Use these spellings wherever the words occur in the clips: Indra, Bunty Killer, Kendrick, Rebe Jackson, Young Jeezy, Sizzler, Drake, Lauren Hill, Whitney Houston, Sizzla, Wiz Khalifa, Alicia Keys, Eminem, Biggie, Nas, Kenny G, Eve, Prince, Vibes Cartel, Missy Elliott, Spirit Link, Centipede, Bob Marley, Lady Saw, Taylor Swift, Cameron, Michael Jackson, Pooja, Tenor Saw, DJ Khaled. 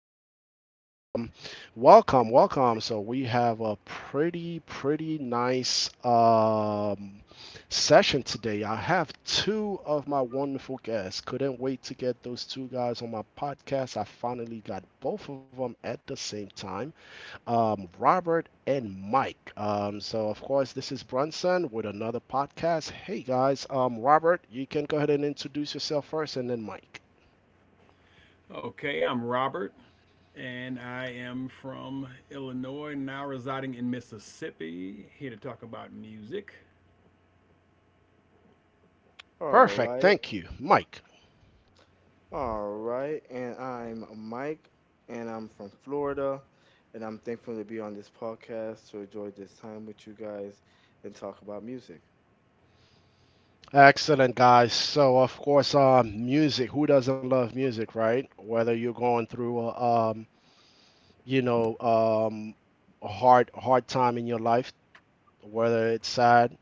guys. Welcome, welcome. So we have a pretty nice session today. I have two of my wonderful guests. Couldn't wait to get those two guys on my podcast. I finally got both of them at the same time, Robert and Mike. So, of course, this is Brunson with another podcast. Hey, guys. Robert, you can go ahead and introduce yourself first, and then Mike. Okay, I'm Robert, and I am from Illinois, now residing in Mississippi, here to talk about music. All Perfect. right, Thank you, Mike. all right. And I'm Mike, and I'm from Florida, and I'm thankful to be on this podcast to enjoy this time with you guys and talk about music. Excellent, guys. So, of course, music. Who doesn't love music, right? Whether you're going through, you know, um, a hard time in your life, whether it's sad,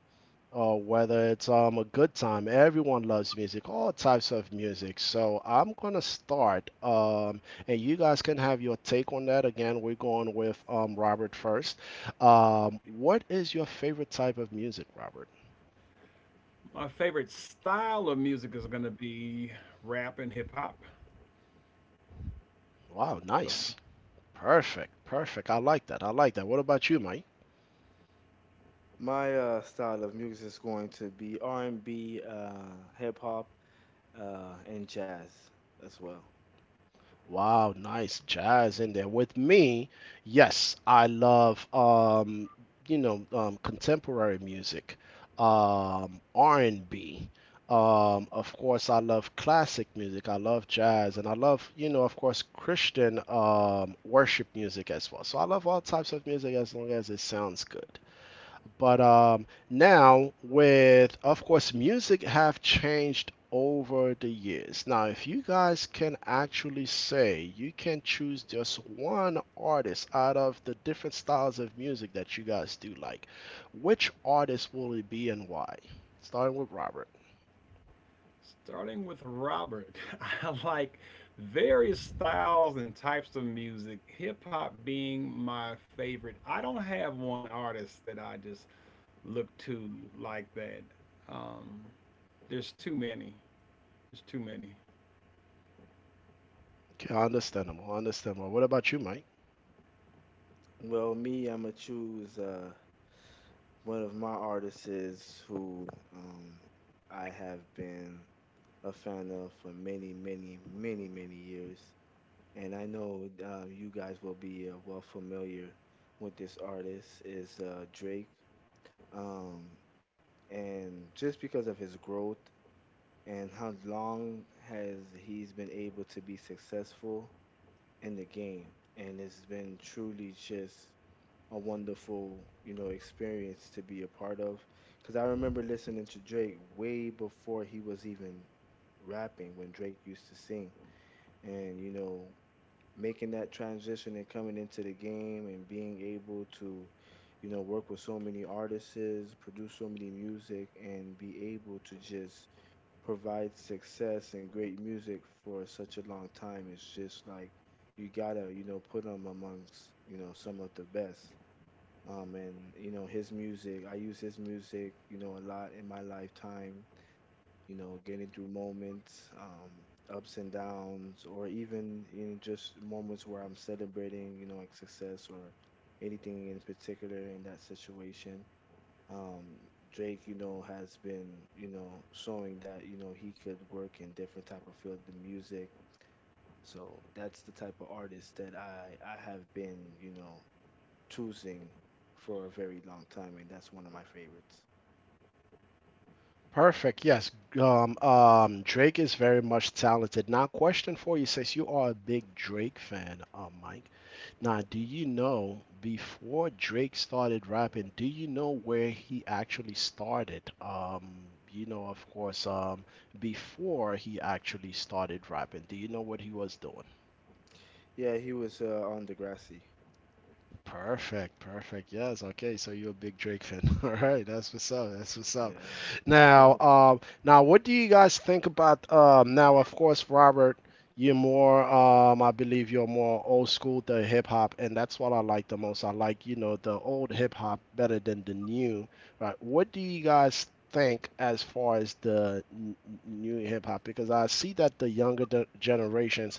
whether it's a good time. Everyone loves music, all types of music. So I'm gonna start, and you guys can have your take on that. Again, we're going with Robert first. What is your favorite type of music, Robert? My favorite style of music is going to be rap and hip hop, Wow, but nice, perfect, perfect. I like that. I like that. What about you, Mike? My style of music is going to be R&B, hip hop, and jazz as well. Wow, nice jazz in there. With me, yes, I love, contemporary music, R&B. Of course, I love classic music. I love jazz, and I love, you know, of course, Christian worship music as well. So I love all types of music as long as it sounds good. But, now, with of course, music have changed over the years. Now, if you guys can actually say you can choose just one artist out of the different styles of music that you guys do like, which artist will it be and why? Starting with Robert. starting with Robert, I like various styles and types of music, hip hop being my favorite. I don't have one artist that I just look to like that. Um, there's too many. There's too many. Okay, understandable, understandable. What about you, Mike? Me, I'm gonna choose one of my artists is who um, I have been a fan of for many, many, many, many years. And I know you guys will be well familiar with this artist is Drake. Um, and just because of his growth and how long has he's been able to be successful in the game, and it's been truly just a wonderful you know experience to be a part of. Because I remember listening to Drake way before he was even rapping when Drake used to sing. And you know, making that transition and coming into the game and being able to you know work with so many artists produce so many music and be able to just provide success and great music for such a long time, it's just like you gotta you know put him amongst you know some of the best, and you know his music, I use his music you know a lot in my lifetime, you know, getting through moments, ups and downs, or even in just moments where I'm celebrating, you know, like success or anything in particular in that situation. Um, Drake, you know, has been, you know, showing that, you know, he could work in different type of field of music. So that's the type of artist that I have been, you know, choosing for a very long time, and that's one of my favorites. Perfect. Yes. Drake is very much talented. Now, question for you, since you are a big Drake fan, Mike. Now, do you know before Drake started rapping, do you know where he actually started? You know, of course, before he actually started rapping, do you know what he was doing? Yeah, he was on Degrassi. Perfect, perfect. Yes, okay. So you're a big Drake fan. All right, that's what's up. That's what's up. Yeah. Now, what do you guys think about? Now, of course, Robert, you're more I believe you're more old school the hip hop, and that's what I like the most. I like you know the old hip hop better than the new. Right? What do you guys think as far as the new hip hop? Because I see that the younger generation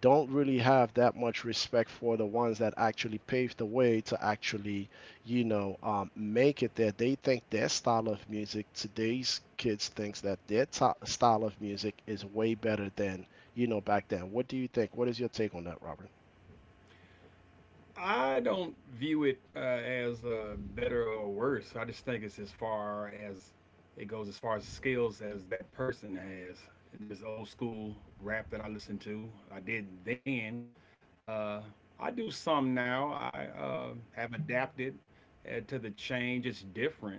don't really have that much respect for the ones that actually paved the way to actually, you know, make it there. They think their style of music, today's kids thinks that their to style of music is way better than, you know, back then. What do you think? What is your take on that, Robert? I don't view it as better or worse. I just think it's as far as it goes, as far as skills as that person has. And there's old school rap that I listen to. I did then. Uh, I do some now. I have adapted to the change. It's different.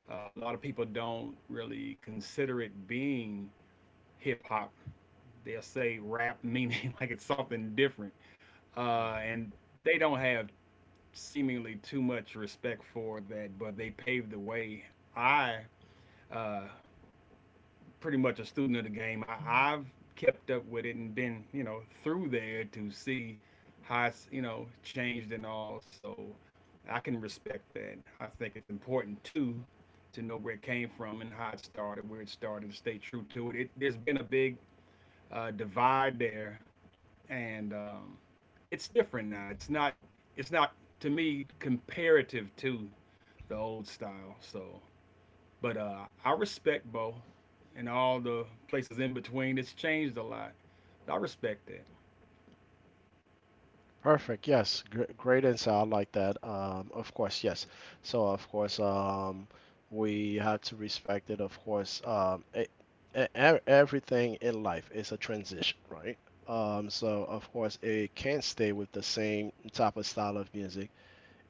A lot of people don't really consider it being hip hop. They'll say rap, meaning like it's something different. Uh, Mm. and they don't have seemingly too much respect for that, but they paved the way. I, uh, pretty much a student of the game, I've kept up with it and been, you know, through there to see how it's, you know, changed and all. So I can respect that. I think it's important too to know where it came from and how it started, where it started, to stay true to it. There's been a big divide there, and it's different now. It's not. It's not to me comparative to the old style. So, but I respect both and all the places in between. It's changed a lot. I respect that. Perfect. Yes. Gr Great insight. I like that. Of course, yes. So, of course, we have to respect it. Of course, everything in life is a transition, right? So, of course, it can't stay with the same type of style of music.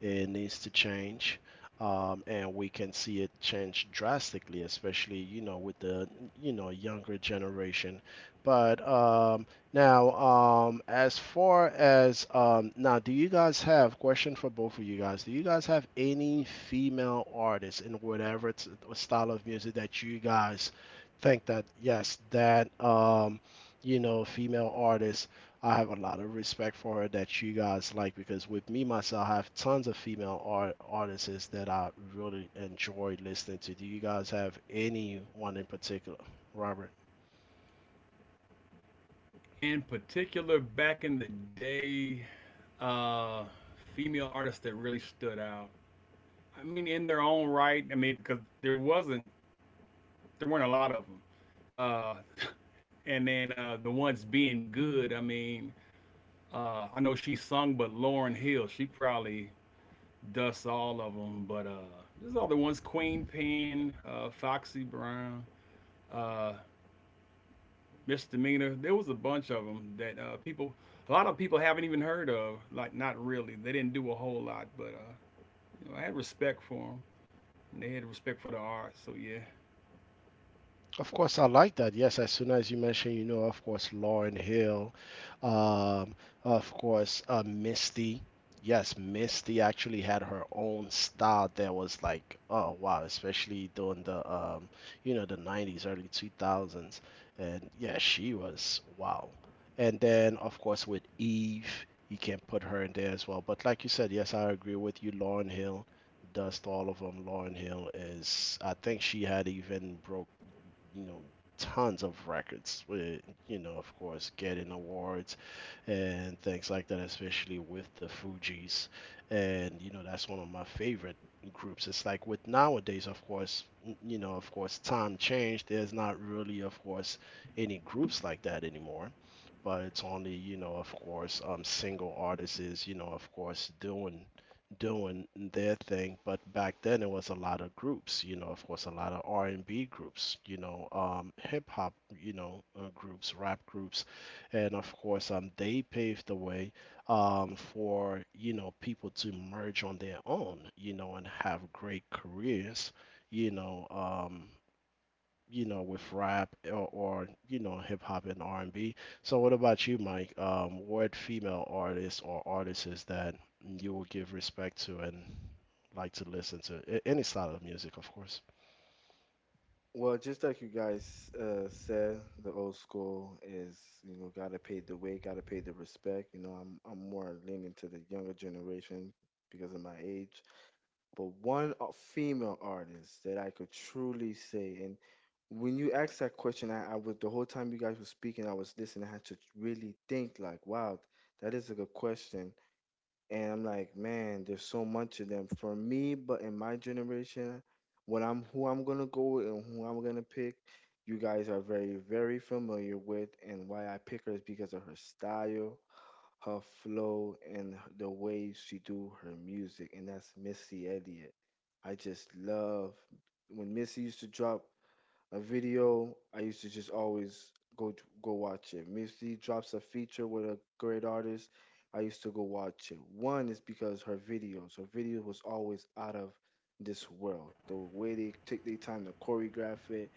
It needs to change, and we can see it change drastically, especially you know with the you know younger generation. But um, now um, as far as now, do you guys have question for both of you guys, do you guys have any female artists in whatever style of music that you guys think that yes that, you know, female artists I have a lot of respect for her that you guys like? Because with me myself, I have tons of female artists that I really enjoy listening to. Do you guys have anyone in particular, Robert? In particular, back in the day, uh, female artists that really stood out. I mean, in their own right. I mean, because there weren't a lot of them. Uh, and then the ones being good. I mean, I know she sung, but Lauren Hill, she probably dust all of them, but there's other ones: Queen Pen, Foxy Brown, uh, Misdemeanor. There was a bunch of them that people, a lot of people haven't even heard of. Like, not really. They didn't do a whole lot, but you know, I had respect for them. And they had respect for the art, so yeah. Of course, I like that. Yes, as soon as you mention, you know, of course, Lauren Hill, um, of course, Misty. Yes, Misty actually had her own style that was like, oh wow, especially during the, the 90s, early 2000s. And yeah, she was wow. And then, of course, with Eve, you can put her in there as well. But like you said, yes, I agree with you, Lauren Hill. Dust all of them. Lauren Hill is, I think she had even broke you know tons of records with you know of course getting awards and things like that, especially with the Fugees, and you know that's one of my favorite groups. It's like with nowadays, of course, you know, of course, time changed, there's not really of course any groups like that anymore, but it's only you know of course single artists you know of course doing their thing. But back then, it was a lot of groups. You know, of course, a lot of R and B groups. You know, hip hop. You know, groups, rap groups, and of course, they paved the way, for you know people to merge on their own. You know, and have great careers. You know, um, you know, with rap or you know, hip hop and R&B. So what about you, Mike? What female artists or artists that you will give respect to and like to listen to? Any style of music, of course. Well, just like you guys said, the old school is you know gotta pay the way, gotta pay the respect. You know, I'm more leaning to the younger generation because of my age. But one female artist that I could truly say, and when you asked that question, I was the whole time you guys were speaking, I was listening. I had to really think like, wow, that is a good question, and I'm like, man, there's so much of them for me. But in my generation, when I'm gonna go with and who I'm gonna pick, you guys are very, very familiar with. And why I pick her is because of her style, her flow, and the way she do her music. And that's Missy Elliott. I just love when Missy used to drop a video. I used to just always go watch it. Missy drops a feature with a great artist. I used to go watch it. One is because her videos, her video was always out of this world. The way they take their time to choreograph it,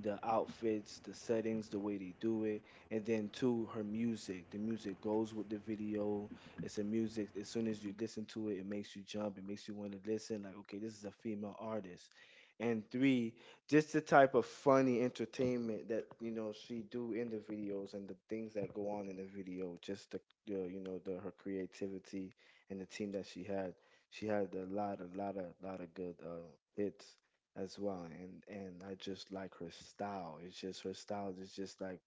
the outfits, the settings, the way they do it, and then two, her music. The music goes with the video. It's a music. As soon as you listen to it, it makes you jump. It makes you want to listen. Like, okay, this is a female artist. And three, just the type of funny entertainment that you know she do in the videos and the things that go on in the video, just you know the her creativity and the team that she had, she had a lot, a lot of good hits as well. And I just like her style. It's just her style is just like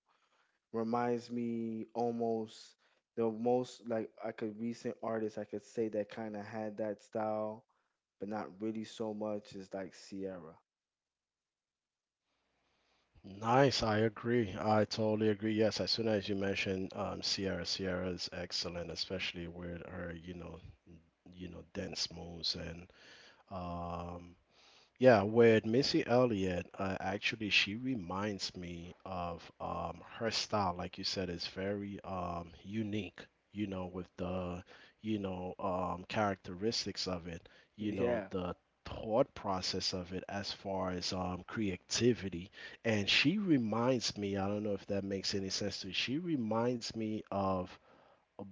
reminds me almost the most like I could recent artist I could say that kind of had that style, but not really so much is like Sierra. Nice, I agree. I totally agree. Yes, as soon as you mentioned Sierra, Sierra is excellent, especially with her, you know, dance moves and um, yeah, with Missy Elliott, actually, she reminds me of her style. Like you said, is very unique. You know, with the you know characteristics of it. You know, Yeah. the thought process of it as far as creativity. And she reminds me. I don't know if that makes any sense to you. She reminds me of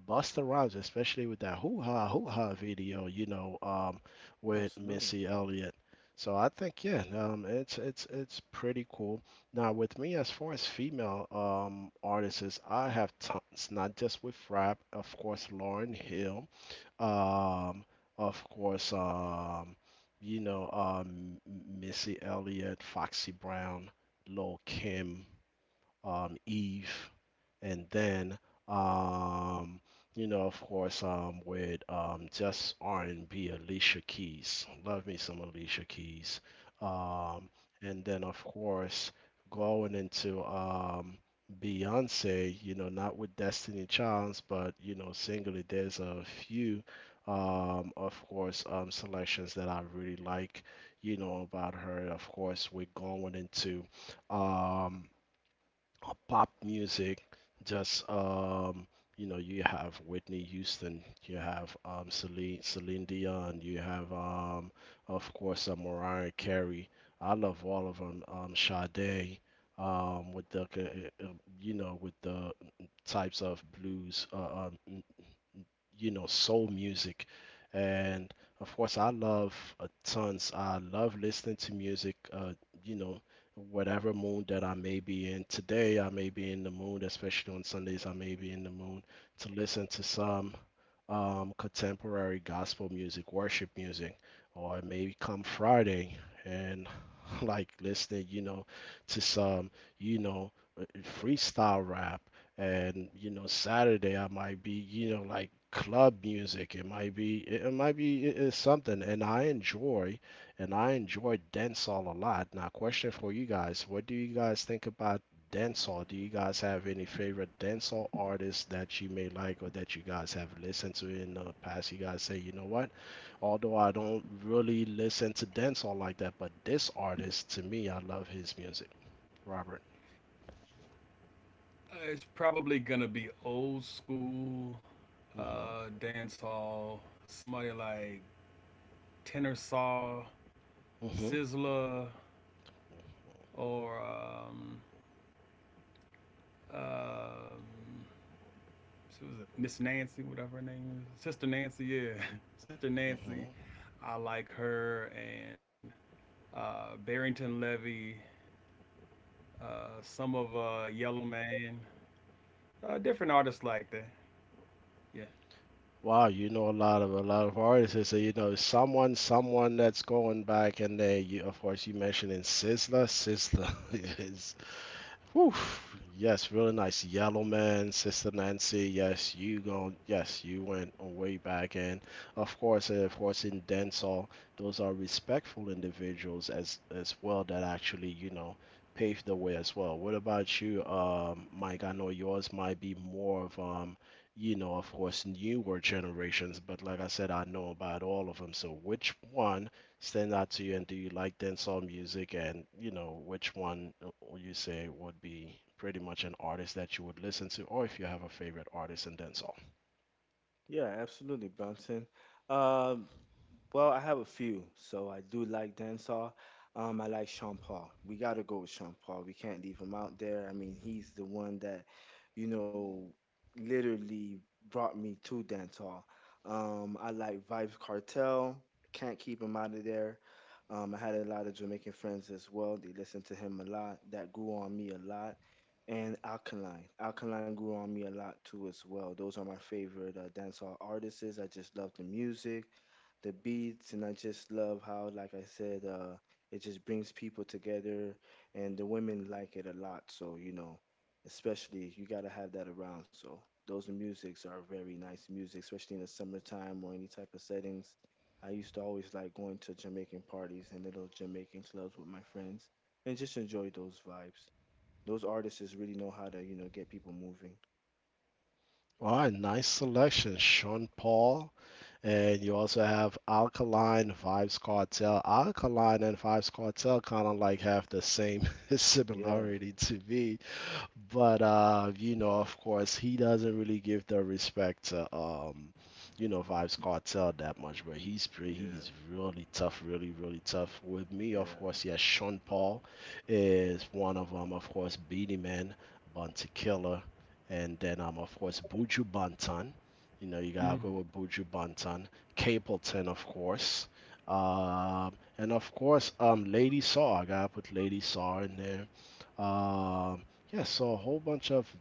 Busta Rhymes, especially with that hoo ha video, you know, with Absolutely. Missy Elliott. So I think yeah, it's it's pretty cool. Now with me, as far as female artists, is, I have tons, not just with rap, of course, Lauryn Hill, um, of course, you know, Missy Elliott, Foxy Brown, Lil Kim, Eve, and then um you know of course with just R&B, Alicia Keys, love me some Alicia Keys, um and then of course going into Beyonce, you know, not with Destiny Childs, but you know singly there's a few of course selections that I really like you know about her. Of course we're going into um pop music, just you know, you have Whitney Houston, you have Celine Dion, you have of course Mariah Carey. I love all of them. Sade, with the you know with the types of blues, you know, soul music. And of course, I love tons. I love listening to music, you know, whatever mood that I may be in. Today, I may be in the mood, especially on Sundays, I may be in the mood to listen to some contemporary gospel music, worship music, or maybe come Friday and like listening, you know, to some, you know, uh, freestyle rap, and you know Saturday I might be you know like club music. It might be it might be it's something and I enjoy, and I enjoy dancehall a lot. Now, question for you guys, what do you guys think about dancehall? Do you guys have any favorite dancehall artists that you may like or that you guys have listened to in the past you guys say, you know what, although I don't really listen to dancehall like that, but this artist to me I love his music? Robert. It's probably gonna be old school Mhm. Dance. Somebody like Tenor Saw, Mhm. Sizzler, or um she was a Miss Nancy, whatever her name is. Sister Nancy, yeah. Sister Nancy. Mhm. I like her and Barrington Levy, some of Yellow Man, different artists like that. Yeah. Wow, you know a lot of artists. So you know someone, someone that's going back, and they, you, of course, you mentioning Sizzla. Sizzla is woof. Yes, really nice. Yellow Man, Sister Nancy. Yes, you go. Yes, you went way back. And of course, in dancehall, those are respectful individuals as well that actually you know paved the way as well. What about you, Mike? I know yours might be more of you know, of course, newer generations, but like I said, I know about all of them. So which one stand out to you, and do you like dancehall music, and you know which one would you say would be pretty much an artist that you would listen to, or if you have a favorite artist in dancehall? Yeah, absolutely, Bronson. Um, well, I have a few. So I do like dancehall. I like Sean Paul. We got to go with Sean Paul. We can't leave him out there. I mean, he's the one that, you know, literally brought me to dancehall. I like Vibes Cartel. Can't keep him out of there. I had a lot of Jamaican friends as well. They listened to him a lot. That grew on me a lot. And Alkaline. Alkaline grew on me a lot too as well. Those are my favorite dancehall artists. I just love the music, the beats, and I just love how, like I said, it just brings people together, and the women like it a lot. So you know, especially you gotta have that around. So those musics are very nice music, especially in the summertime or any type of settings. I used to always like going to Jamaican parties and little Jamaican clubs with my friends and just enjoy those vibes. Those artists really know how to, you know, get people moving. All right, nice selection, Sean Paul. And you also have Alkaline, Vibes Cartel. Alkaline and Vibes Cartel kind of like have the same Yeah, similarity to me. But you know, of course, he doesn't really give the respect to you know, Vibes Cartel that much. But he's pretty, yeah, he's really tough, really, really tough. With me, of yeah. course, yes, Sean Paul is one of them. Of course, Beanie Man, Bunty Killer, and then of course, Buju Banton. You know, you Hmm. gotta go with Buju Banton, Capleton, of course. Um, and of course, Lady Saw. I gotta put Lady Saw in there. Yeah, so a whole bunch of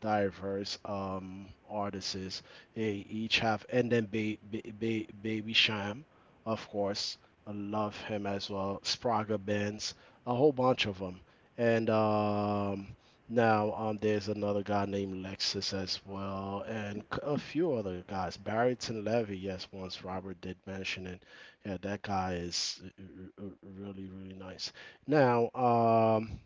diverse artists. They each have, and then ba ba ba Baby Sham, of course. I love him as well. Spraga Benz, a whole bunch of them. And now there's another guy named Lexus as well, and a few other guys. Barrington Levy, yes, once Robert did mention it. Yeah, that guy is really, really nice. Now, um,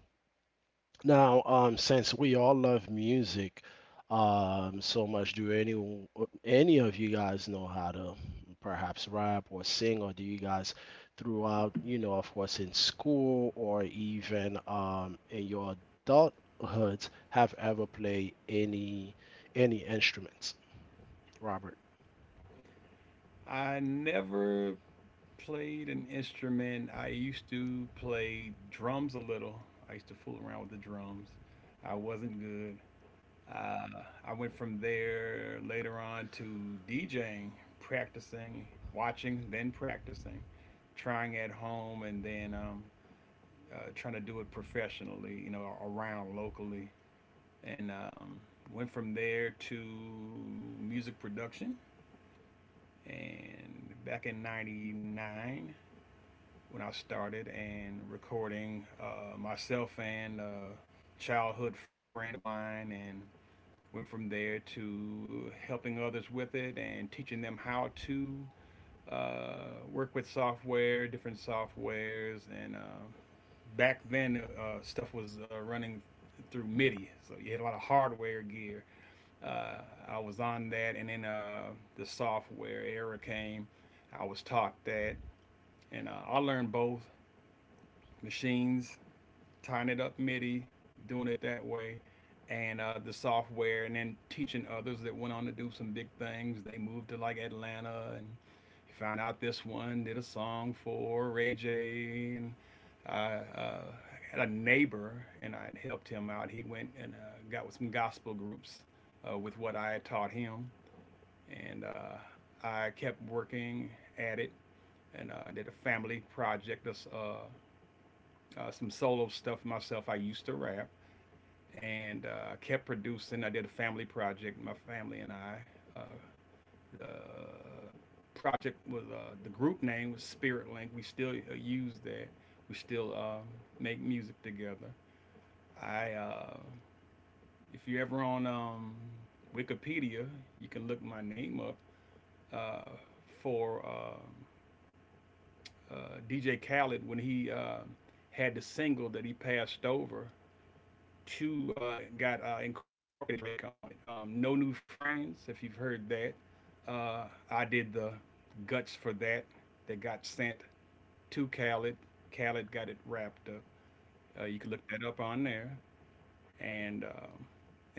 since we all love music so much, do any of you guys know how to perhaps rap or sing, or do you guys throughout, you know, of course, in school or even in your adulthoods, have ever played any instruments, Robert? I never played an instrument. I used to play drums a little. I used to fool around with the drums. I wasn't good. Uh, I went from there later on to DJing, practicing, watching, then practicing, trying at home, and then trying to do it professionally, you know, around locally. And went from there to music production. And back in '99, when I started and recording myself and a childhood friend of mine and went from there to helping others with it and teaching them how to work with software, different softwares, and back then stuff was running through MIDI, so you had a lot of hardware gear. Uh, I was on that, and then the software era came. I was taught that, and I learned both machines, tying it up MIDI, doing it that way, and the software, and then teaching others that went on to do some big things. They moved to like Atlanta, and you find out this one did a song for Ray J. And I had a neighbor, and I helped him out. He went and got with some gospel groups with what I had taught him, and I kept working at it. And did a family project, some solo stuff myself. I used to rap, and kept producing. I did a family project, my family and I. Uh, the project was the group name was Spirit Link. We still use that. We still make music together. I, uh, if you're ever on Wikipedia, you can look my name up uh, for DJ Khaled when he had the single that he passed over two got incorporated Drake on it. No New Friends, if you've heard that. Uh, I did the guts for that. That got sent to Khaled. Khaled got it wrapped up. You can look that up on there. And um,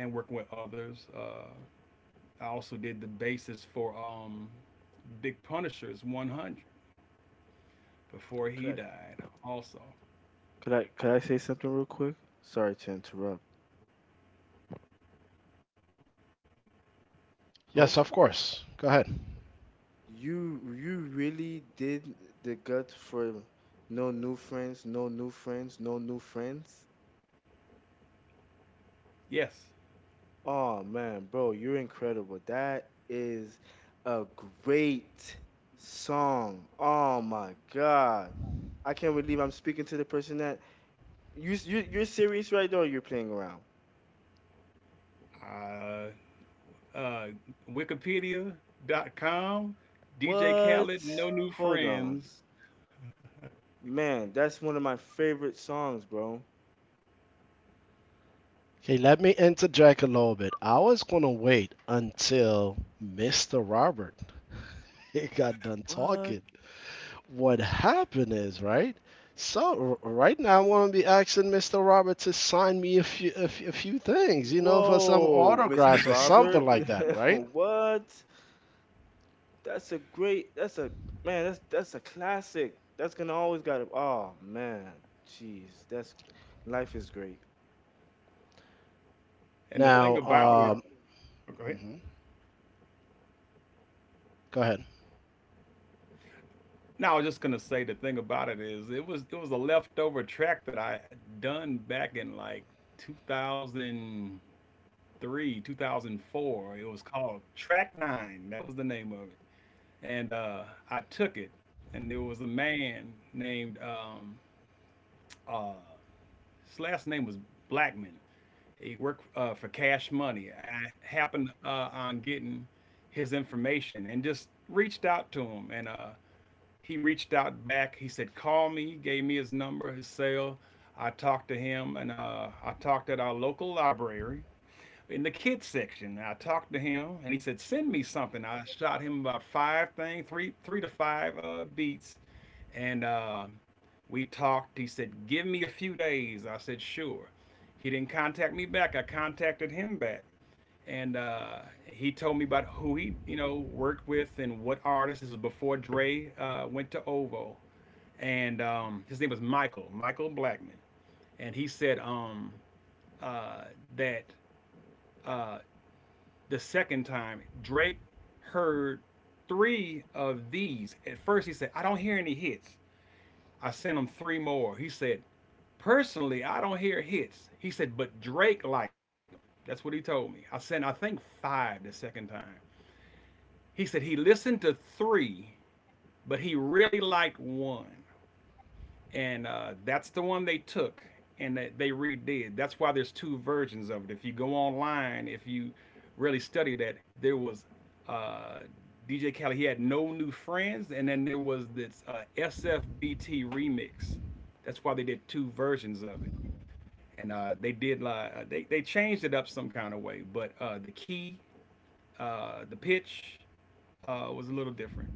and working with others. I also did the basis for Big Punisher's 100 before Could he I died. Also, could I could I say something real quick? Sorry to interrupt. Yes, host. of course. Go ahead. You really did the guts for no new friends, no new friends, no new friends. Yes, Oh man, bro, you're incredible. That is a great song. Oh my God. I can't believe I'm speaking to the person that you're serious right now, or you're playing around? I uh, Wikipedia.com, DJ Khaled, What? No New Hold on. Friends. Man, that's one of my favorite songs, bro. Okay, let me interject a little bit. I was gonna wait until Mr. Robert got done What? talking what happened is right. So right now, I'm gonna be asking Mr. Robert to sign me a few things, you know, for some Whoa, Mr. autographs or something Robert. like that, right? what? That's a great that's a man, that's a classic. That's gonna always gotta oh man. Jeez, that's life is great. And the thing Now, about it, um, oh, go ahead. mhm. Go ahead. No, I was just gonna say the thing about it is it was a leftover track that I had done back in like 2003, 2004. It was called Track Nine. That was the name of it, and I took it, and there was a man named uh, his last name was Blackman. He worked for Cash Money. I happened on getting his information and just reached out to him. And he reached out back. He said, "Call me." He gave me his number, his cell. I talked to him, and I talked at our local library in the kids section. I talked to him, and he said, "Send me something." I shot him about five things, three to five beats, and we talked. He said, "Give me a few days." I said, "Sure." He didn't contact me back. I contacted him back, and he told me about who he, you know, worked with and what artists. This was before Dre went to OVO, and his name was Michael Blackman, and he said uh, that uh, the second time Drake heard three of these. At first, he said, "I don't hear any hits." I sent him three more. He said, personally, I don't hear hits. He said, but Drake liked them. That's what he told me. I sent, I think, five the second time. He said he listened to three, but he really liked one and that's the one they took and they redid. That's why there's two versions of it. If you go online, if you really study that, there was uh, DJ Khaled. He had no new friends, and then there was this SFBT remix. That's why they did two versions of it, and they did like they changed it up some kind of way, but uh, the the pitch was a little different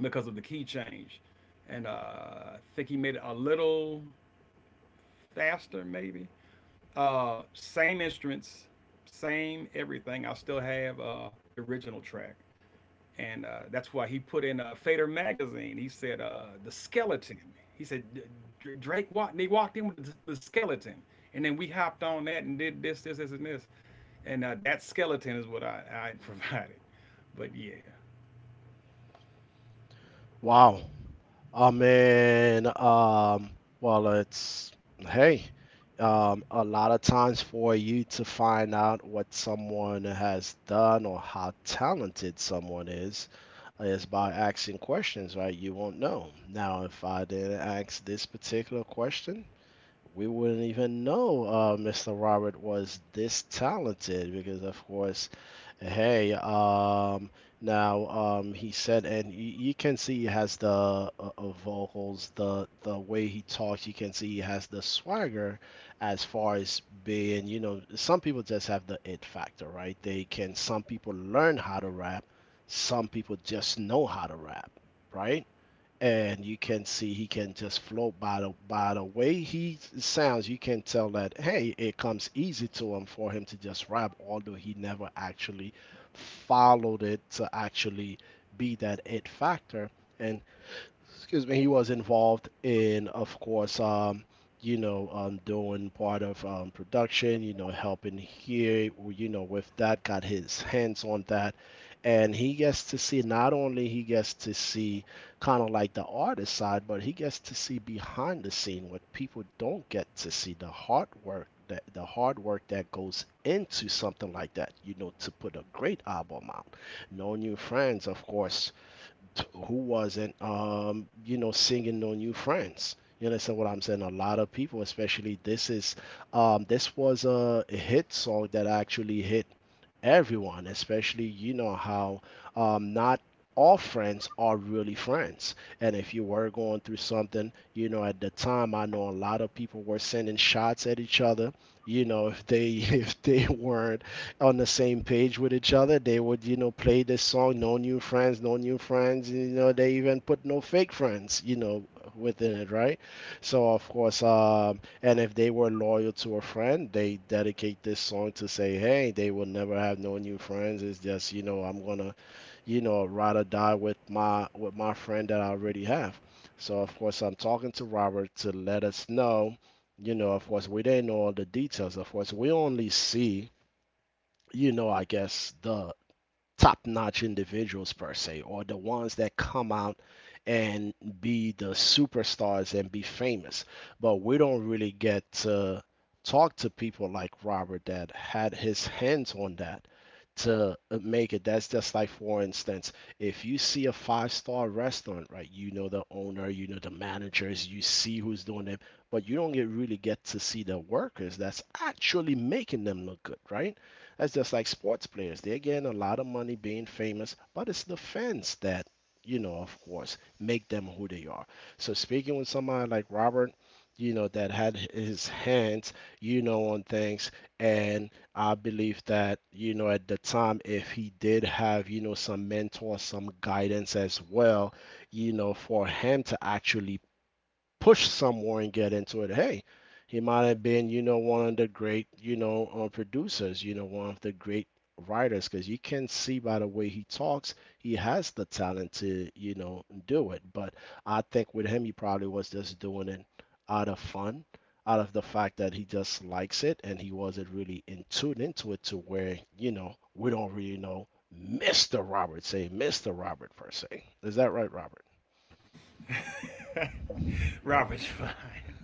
because of the key change, and I think he made it a little faster maybe. Same instruments, same everything. I still have the original track, and that's why he put in Fader magazine. He said the skeleton. He said Drake walked. They walked in with the skeleton, and then we hopped on that and did this, this, this, and this. And that skeleton is what I had provided. But yeah, Wow, I mean, well, hey, a lot of times for you to find out what someone has done or how talented someone is by asking questions, right? You won't know. Now, if I didn't ask this particular question, we wouldn't even know Mr. Robert was this talented because, of course, hey, now he said, and you can see he has the vocals, the way he talks. You can see he has the swagger, as far as being, you know, some people just have the it factor, right? They can. Some people learn how to rap, some people just know how to rap, right? And you can see he can just float by the way he sounds. You can tell that, hey, it comes easy to him for him to just rap, although he never actually followed it to actually be that it factor. And excuse me, he was involved in, of course, you know, doing part of production, you know, helping here, you know, with that, got his hands on that. And he gets to see, not only he gets to see kind of like the artist side, but he gets to see behind the scene what people don't get to see, the hard work. That, the hard work that goes into something like that, you know, to put a great album out. "No New Friends," of course, who wasn't, you know, singing "No New Friends." You understand what I'm saying? A lot of people, especially this was a hit song that actually hit everyone, especially you know how not all friends are really friends. And if you were going through something, you know, at the time, I know a lot of people were sending shots at each other. You know, if they if they weren't on the same page with each other, they would, you know, play this song, no new friends, no new friends. You know, they even put no fake friends, you know, within it, right? So of course, um, and if they were loyal to a friend, they dedicate this song to say, hey, they will never have no new friends. It's just, you know, I'm gonna, you know, ride or die with my friend that I already have. So of course I'm talking to Robert to let us know, you know, of course we didn't know all the details. Of course we only see, you know, I guess the top notch individuals per se, or the ones that come out and be the superstars and be famous. But we don't really get to talk to people like Robert that had his hands on that to make it. That's just like, for instance, if you see a five-star restaurant, right? You know the owner, you know the managers, you see who's doing it, but you don't get really get to see the workers that's actually making them look good, right? That's just like sports players. They're getting a lot of money being famous, but it's the fans that, you know, of course, make them who they are. So speaking with somebody like Robert, you know, that had his hands, you know, on things, and I believe that, you know, at the time, if he did have, you know, some mentor, some guidance as well, you know, for him to actually push somewhere and get into it. Hey, he might have been, you know, one of the great, you know, producers, you know, one of the great writers, because you can see by the way he talks, he has the talent to, you know, do it. But I think with him, he probably was just doing it out of fun, out of the fact that he just likes it and he wasn't really in tuned into it to where, you know, we don't really know Mr. Robert, say Mr. Robert per se. Is that right, Robert? Robert Divine.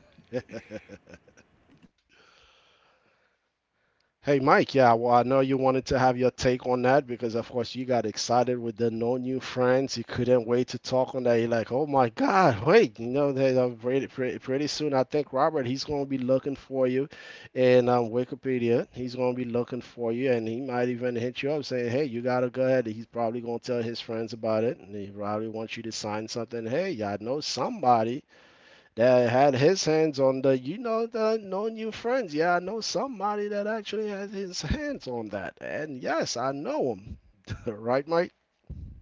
Hey, Mike, yeah, well, I know you wanted to have your take on that because, of course, you got excited with the no new friends. You couldn't wait to talk on that. You're like, oh my God, wait, you know, they, pretty, pretty, pretty soon, I think Robert, he's going to be looking for you in Wikipedia. He's going to be looking for you, and he might even hit you up saying, hey, you got to go ahead. He's probably going to tell his friends about it, and he probably wants you to sign something. Hey, I know somebody that had his hands on the, you know, the no new friends. Yeah, I know somebody that actually has his hands on that, and yes, I know him. Right, Mike?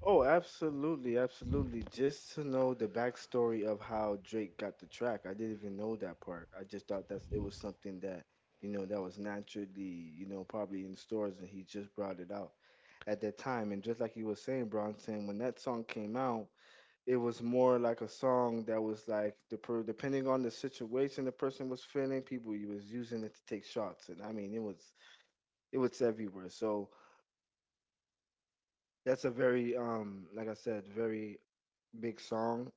Oh, absolutely, absolutely. Just to know the backstory of how Drake got the track, I didn't even know that part. I just thought that's it was something that you know that was naturally you know probably in stores, and he just brought it out at that time. And just like you were saying, Bronson, when that song came out, it was more like a song that was like depending on the situation the person was feeling, people he was using it to take shots, and I mean it was everywhere. So that's a very like I said, very big song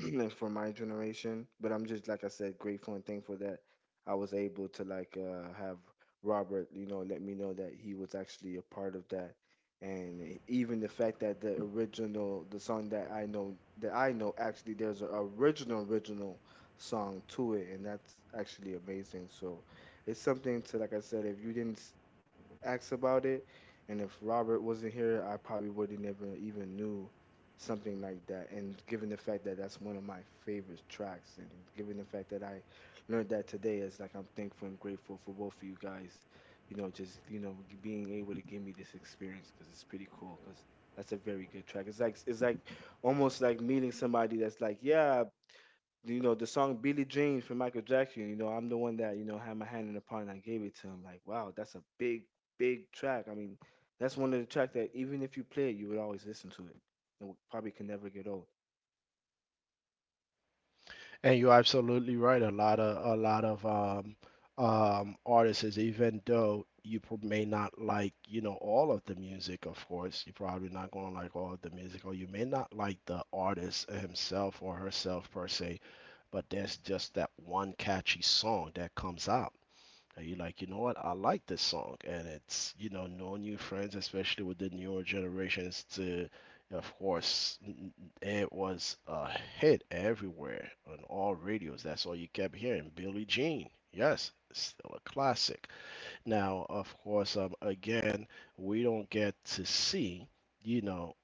for my generation. But I'm just like I said, grateful and thankful that I was able to like have Robert, you know, let me know that he was actually a part of that, and even the fact that the original, the song that I know actually there's an original original song to it, and that's actually amazing. So it's something to, like I said, if you didn't asked about it, and if Robert wasn't here, I probably would have never even knew something like that. And given the fact that that's one of my favorite tracks, and given the fact that I learned that today, is like I'm thankful and grateful for both of you guys. You know, just you know being able to give me this experience, because it's pretty cool. Because that's a very good track. It's like, it's like almost like meeting somebody that's like, yeah, you know the song Billie Jean from Michael Jackson. You know, I'm the one that you know had my hand in the pot and I gave it to him. Like, wow, that's a big, big track. I mean, that's one of the tracks that even if you play it, you would always listen to it, and probably can never get old. And you're absolutely right, a lot of artists, even though you may not like, you know, all of the music, of course you're probably not going to like all of the music, or you may not like the artist himself or herself per se, but there's just that one catchy song that comes out. And you're like, you know what? I like this song. And it's, you know, knowing new friends, especially with the newer generations, to, of course, it was a hit everywhere on all radios. That's all you kept hearing. Billie Jean. Yes, still a classic. Now, of course, again, we don't get to see, you know,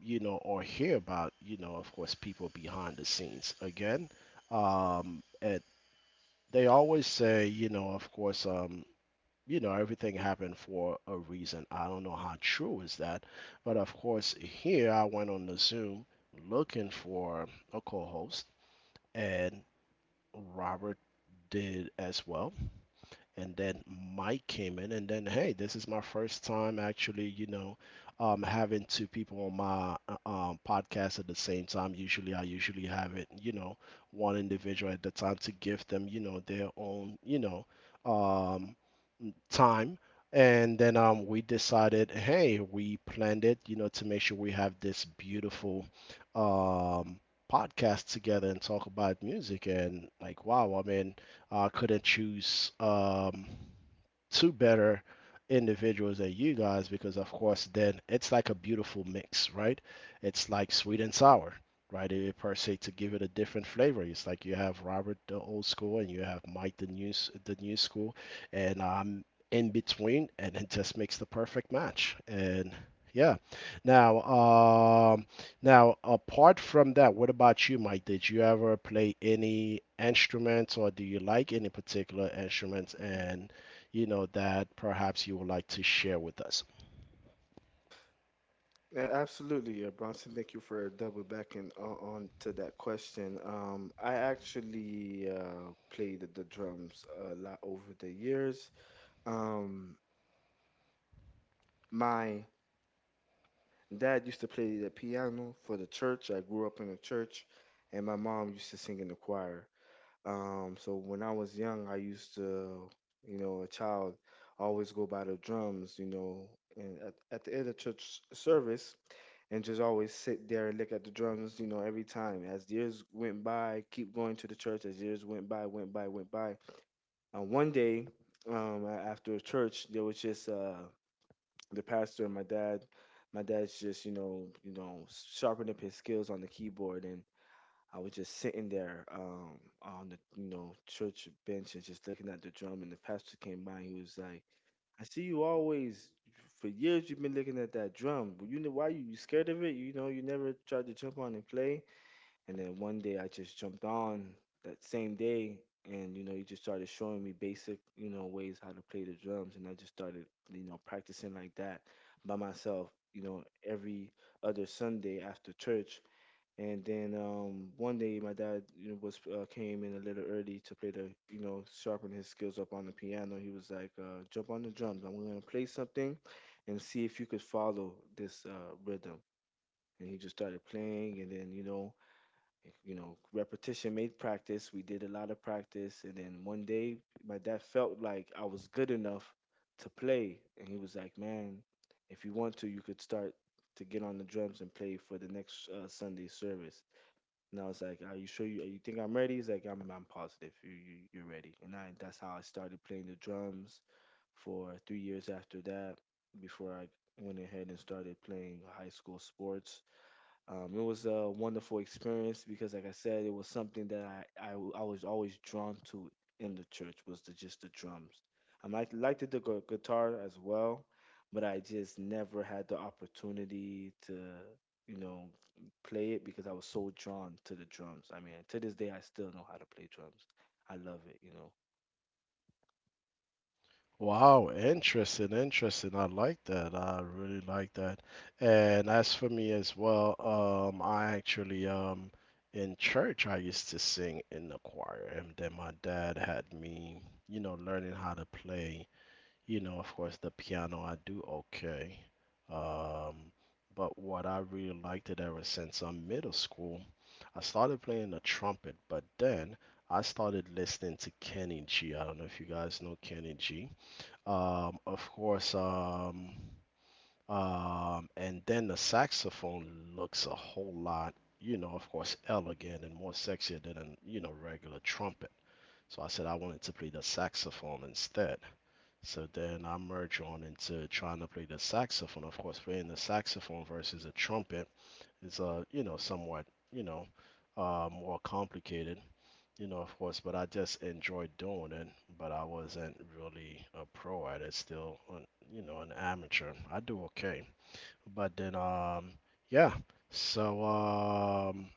you know, or hear about, you know, of course, people behind the scenes. Again, and they always say, you know, of course, you know, everything happened for a reason. I don't know how true is that, but of course here I went on the Zoom looking for a co-host, and Robert did as well. And then Mike came in, and then hey, this is my first time actually, you know, having two people on my podcast at the same time. Usually I usually have it, you know, one individual at the time to give them, you know, their own, you know, um, time. And then we decided, hey, we planned it, you know, to make sure we have this beautiful um, podcast together and talk about music. And like, wow, I mean, I couldn't choose two better individuals than you guys, because of course then it's like a beautiful mix, right? It's like sweet and sour, right, it, per se, to give it a different flavor. It's like you have Robert the old school, and you have Mike the new school, and I'm in between, and it just makes the perfect match. And yeah, now um now apart from that, what about you, Mike? Did you ever play any instruments, or do you like any particular instruments, and, you know, that perhaps you would like to share with us. Yeah, absolutely, Bronson. Thank you for double backing on to that question. I actually played the drums a lot over the years. Um, my Dad used to play the piano for the church. I grew up in a church, and my mom used to sing in the choir. So when I was young, I used to, you know, a child, always go by the drums, you know, and at the end of church service, and just always sit there and look at the drums, you know, every time. As years went by, keep going to the church. As years went by, went by. And one day, after church, there was just the pastor and my dad's just you know sharpening up his skills on the keyboard, and I was just sitting there on the you know church bench and just looking at the drum, and the pastor came by and he was like, I see you always for years you've been looking at that drum, you know why you scared of it, you know you never tried to jump on and play. And then one day I just jumped on that same day, and you know, he just started showing me basic, you know, ways how to play the drums, and I just started, you know, practicing like that by myself, you know, every other Sunday after church. And then one day my dad, you know, was came in a little early to play the, you know, sharpen his skills up on the piano. He was like, "Jump on the drums. I'm gonna play something, and see if you could follow this rhythm." And he just started playing, and then repetition made practice. We did a lot of practice, and then one day my dad felt like I was good enough to play, and he was like, "Man, if you want to, you could start to get on the drums and play for the next Sunday service." And I was like, "Are you sure you think I'm ready?" He's like, "I'm positive you're ready." And I That's how I started playing the drums for 3 years after that. Before I went ahead and started playing high school sports. It was a wonderful experience because, like I said, it was something that I was always drawn to in the church, was the, just the drums. I might liked the guitar as well, but I just never had the opportunity to, you know, play it because I was so drawn to the drums. I mean, to this day, I still know how to play drums. I love it. Wow, interesting, interesting. I like that. I really like that. And as for me as well, I actually in church I used to sing in the choir, and then my dad had me, you know, learning how to play, you know, of course, the piano. I do okay. Um, but what I really liked it ever since I'm middle school, I started playing the trumpet, but then I started listening to Kenny G. I don't know if you guys know Kenny G. Um, of course, um, and then the saxophone looks a whole lot, of course, elegant and more sexier than, regular trumpet. So I said I wanted to play the saxophone instead. So then I merge on into trying to play the saxophone. Of course, playing the saxophone versus a trumpet is somewhat, you know, more complicated, of course, but I just enjoyed doing it, but I wasn't really a pro at it, still, an amateur. I do okay. But then, yeah. So um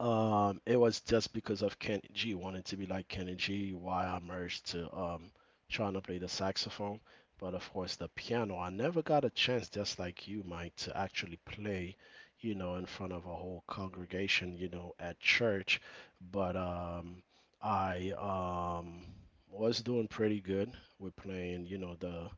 um, it was just because of Kenny G, wanting to be like Kenny G, why I merged to trying to play the saxophone, but of course the piano. I never got a chance, just like you, Mike, to actually play, in front of a whole congregation, at church. But I was doing pretty good. We're playing, the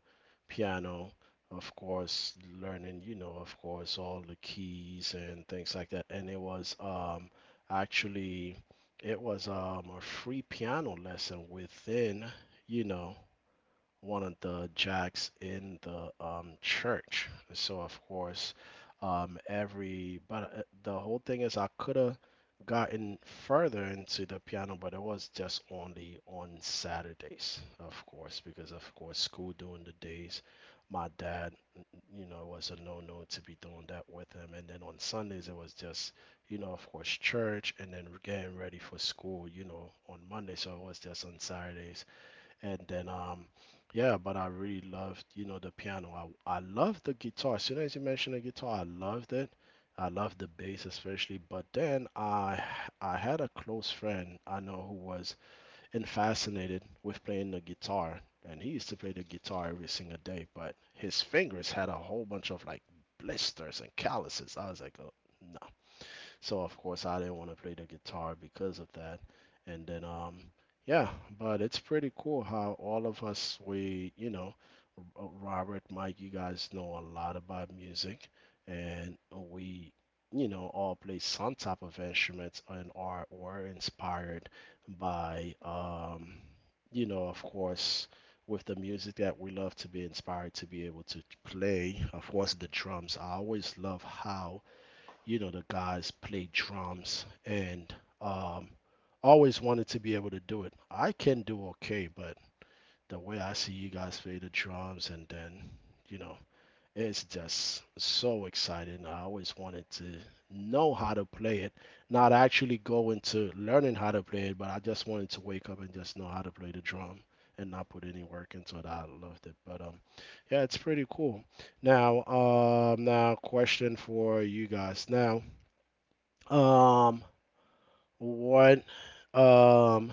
piano, of course, learning, of course, all the keys and things like that. And it was actually, it was a free piano lesson within, you know, one of the jacks in the church. So of course, every but the whole thing is I could have gotten further into the piano, but it was just only on Saturdays, of course, because of course school during the days. My dad was a no-no to be doing that with him. And then on Sundays, it was just, of course, church, and then getting ready for school, on Monday. So it was just on Saturdays, and then, yeah, but I really loved, the piano. I loved the guitar. As soon as you mentioned the guitar, I loved it. I loved the bass especially. But then I had a close friend I know who was in fascinated with playing the guitar, and he used to play the guitar every single day. But his fingers had a whole bunch of like blisters and calluses. I was like, oh, no, so of course I didn't want to play the guitar because of that. And then, yeah, but it's pretty cool how all of us we, Robert, Mike, you guys know a lot about music, and we all play some type of instruments, and are were inspired by of course with the music that we love, to be inspired to be able to play, of course, the drums. I always love how, the guys play drums, and um always wanted to be able to do it. I can do okay, but the way I see you guys play the drums, and then, you know it's just so exciting. I always wanted to know how to play it, not actually go into learning how to play it, but I just wanted to wake up and just know how to play the drum and not put any work into it. I loved it. But, yeah, it's pretty cool. Now, now question for you guys. Now um, what? Um,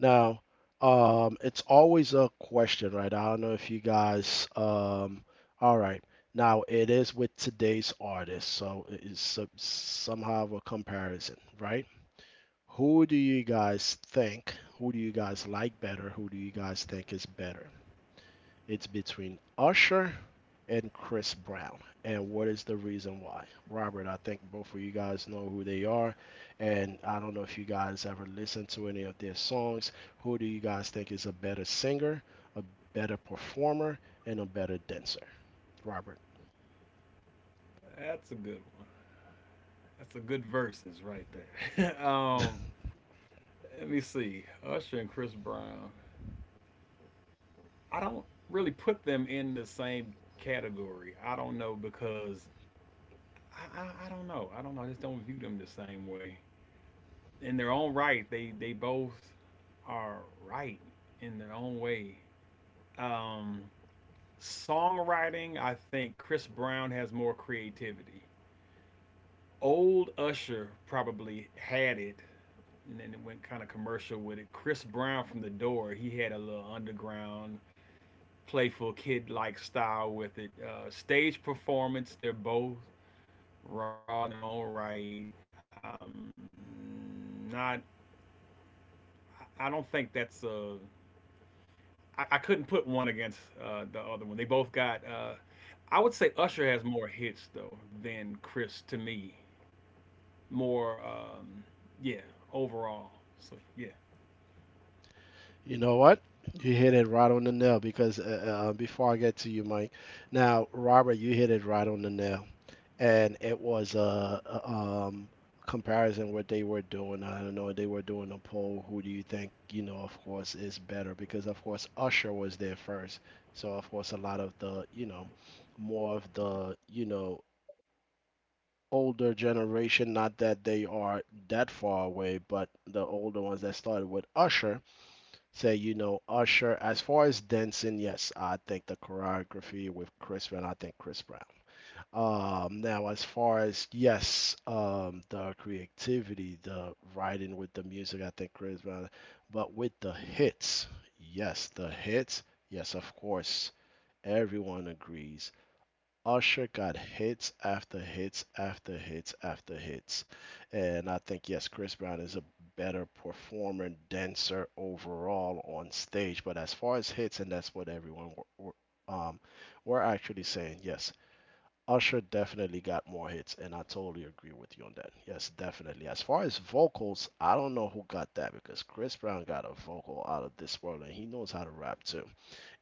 Now, it's always a question, right? I don't know if you guys, all right. Now, it is with today's artist, so it's somehow a comparison, right? Who do you guys think? Who do you guys like better? Who do you guys think is better? It's between Usher and Chris Brown. And what is the reason why? Robert, I think both of you guys know who they are. And I don't know if you guys ever listened to any of their songs. Who do you guys think is a better singer, a better performer, and a better dancer? Robert. That's a good one. That's a good verses right there. Let me see. Usher and Chris Brown. I don't really put them in the same category. I don't know because I don't know. I don't know. I just don't view them the same way. In their own right, they both are right in their own way. Um, songwriting, I think Chris Brown has more creativity. Old Usher probably had it, and then it went kind of commercial with it. Chris Brown from The Door, he had a little underground playful kid like style with it. Stage performance, they're both raw in their own right. Um, not, I don't think that's a. I couldn't put one against the other one. They both got. I would say Usher has more hits though than Chris to me. More, yeah, overall. So yeah, You know what? You hit it right on the nail, because before I get to you, Mike. Now, Robert, you hit it right on the nail. And it was comparison what they were doing. I don't know, they were doing a poll, who do you think, of course, is better? Because of course Usher was there first. So of course a lot of the, more of the, older generation, not that they are that far away, but the older ones that started with Usher, say, Usher. As far as dancing, yes, I think the choreography with Chris Brown, I think Chris Brown. Now, as far as, yes, the creativity, the writing with the music, I think Chris Brown. But with the hits, yes, of course, everyone agrees. Usher got hits after hits after hits after hits, and I think, yes, Chris Brown is a better performer, dancer overall on stage. But as far as hits, and that's what everyone were, um, were actually saying, yes. Usher definitely got more hits, and I totally agree with you on that. Yes, definitely. As far as vocals, I don't know who got that, because Chris Brown got a vocal out of this world, and he knows how to rap too.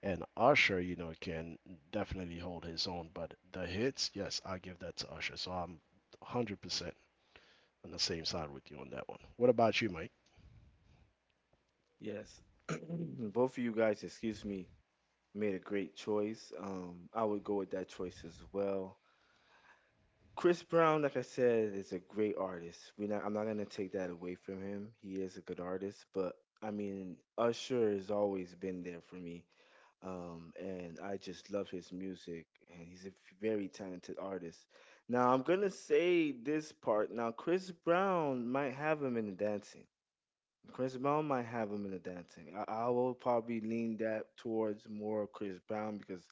And Usher, you know, can definitely hold his own, but the hits, yes, I give that to Usher. So I'm 100% on the same side with you on that one. What about you, Mike? Yes, both of you guys, excuse me, made a great choice. I would go with that choice as well. Chris Brown, like I said, is a great artist. We're not, I'm not gonna take that away from him. He is a good artist, but I mean, Usher has always been there for me, and I just love his music, and he's a very talented artist. Now I'm gonna say this part. Now Chris Brown might have him in the dancing. Chris Brown might have him in the dancing. I will probably lean that towards more of Chris Brown because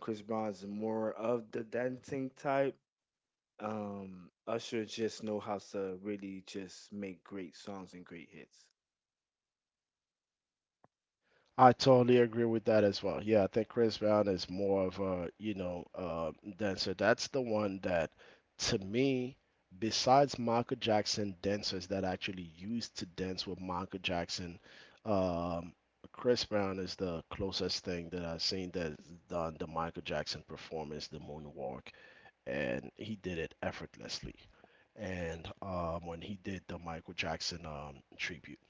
Chris Brown's more of the dancing type. Usher just know how to really just make great songs and great hits. I totally agree with that as well. Yeah, I think Chris Brown is more of a, dancer. That's the one that, to me, besides Michael Jackson dancers that actually used to dance with Michael Jackson, um, Chris Brown is the closest thing that I've seen that's done the Michael Jackson performance, the moonwalk, and he did it effortlessly. And when he did the Michael Jackson tribute.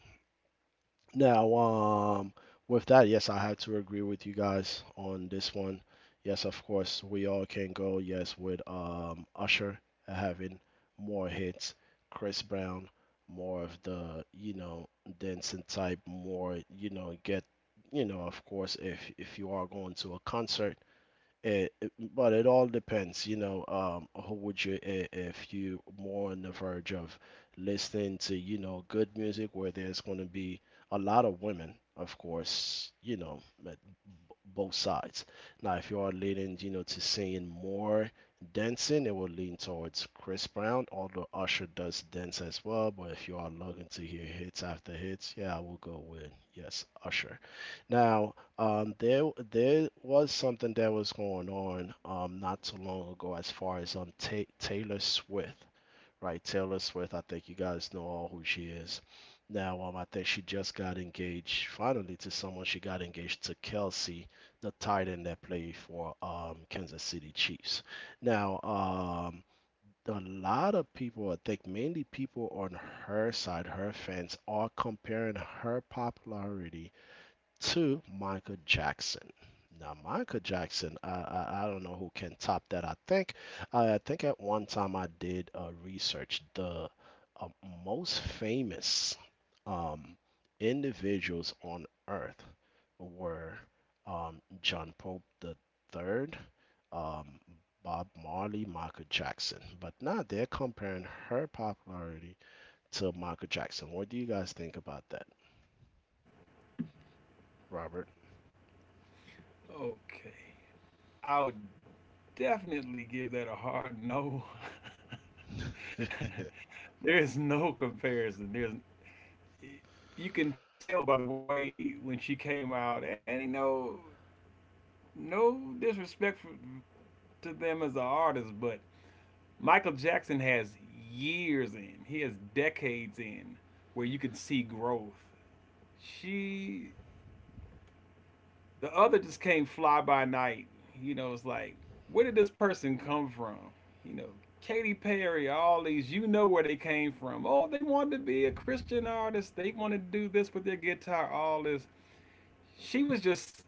Now, with that, yes, I have to agree with you guys on this one. Yes, of course, we all can go. Yes, with Usher having more hits, Chris Brown more of the, dancing type, more, get, of course, if you are going to a concert, but it all depends, who would you, if you more on the verge of listening to, good music where there's going to be a lot of women, of course, but both sides. Now, if you are leaning, to singing more, dancing, it will lean towards Chris Brown, although Usher does dance as well. But if you are looking to hear hits after hits, yeah, I will go with, yes, Usher. Now, there was something that was going on not too long ago, as far as Ta Taylor Swift, right? Taylor Swift, I think you guys know all who she is. Now, I think she just got engaged finally to someone. She got engaged to Kelsey, the tight end that played for Kansas City Chiefs. Now, a lot of people, I think mainly people on her side, her fans, are comparing her popularity to Michael Jackson. Now, Michael Jackson, I don't know who can top that. I think at one time I did research the uh, most famous um, individuals on Earth were John Pope the third, um, Bob Marley, Michael Jackson. But now they're comparing her popularity to Michael Jackson. What do you guys think about that, Robert? okay. I would definitely give that a hard no. there is no comparison. There's you can tell by the way when she came out, and you know, no disrespect for, to them as an artist, but Michael Jackson has years in, he has decades in where you can see growth. She, the other just came fly by night. You know, it's like, where did this person come from? You know, Katy Perry, all these, you know where they came from. Oh, they wanted to be a Christian artist. They wanted to do this with their guitar, all this. She was just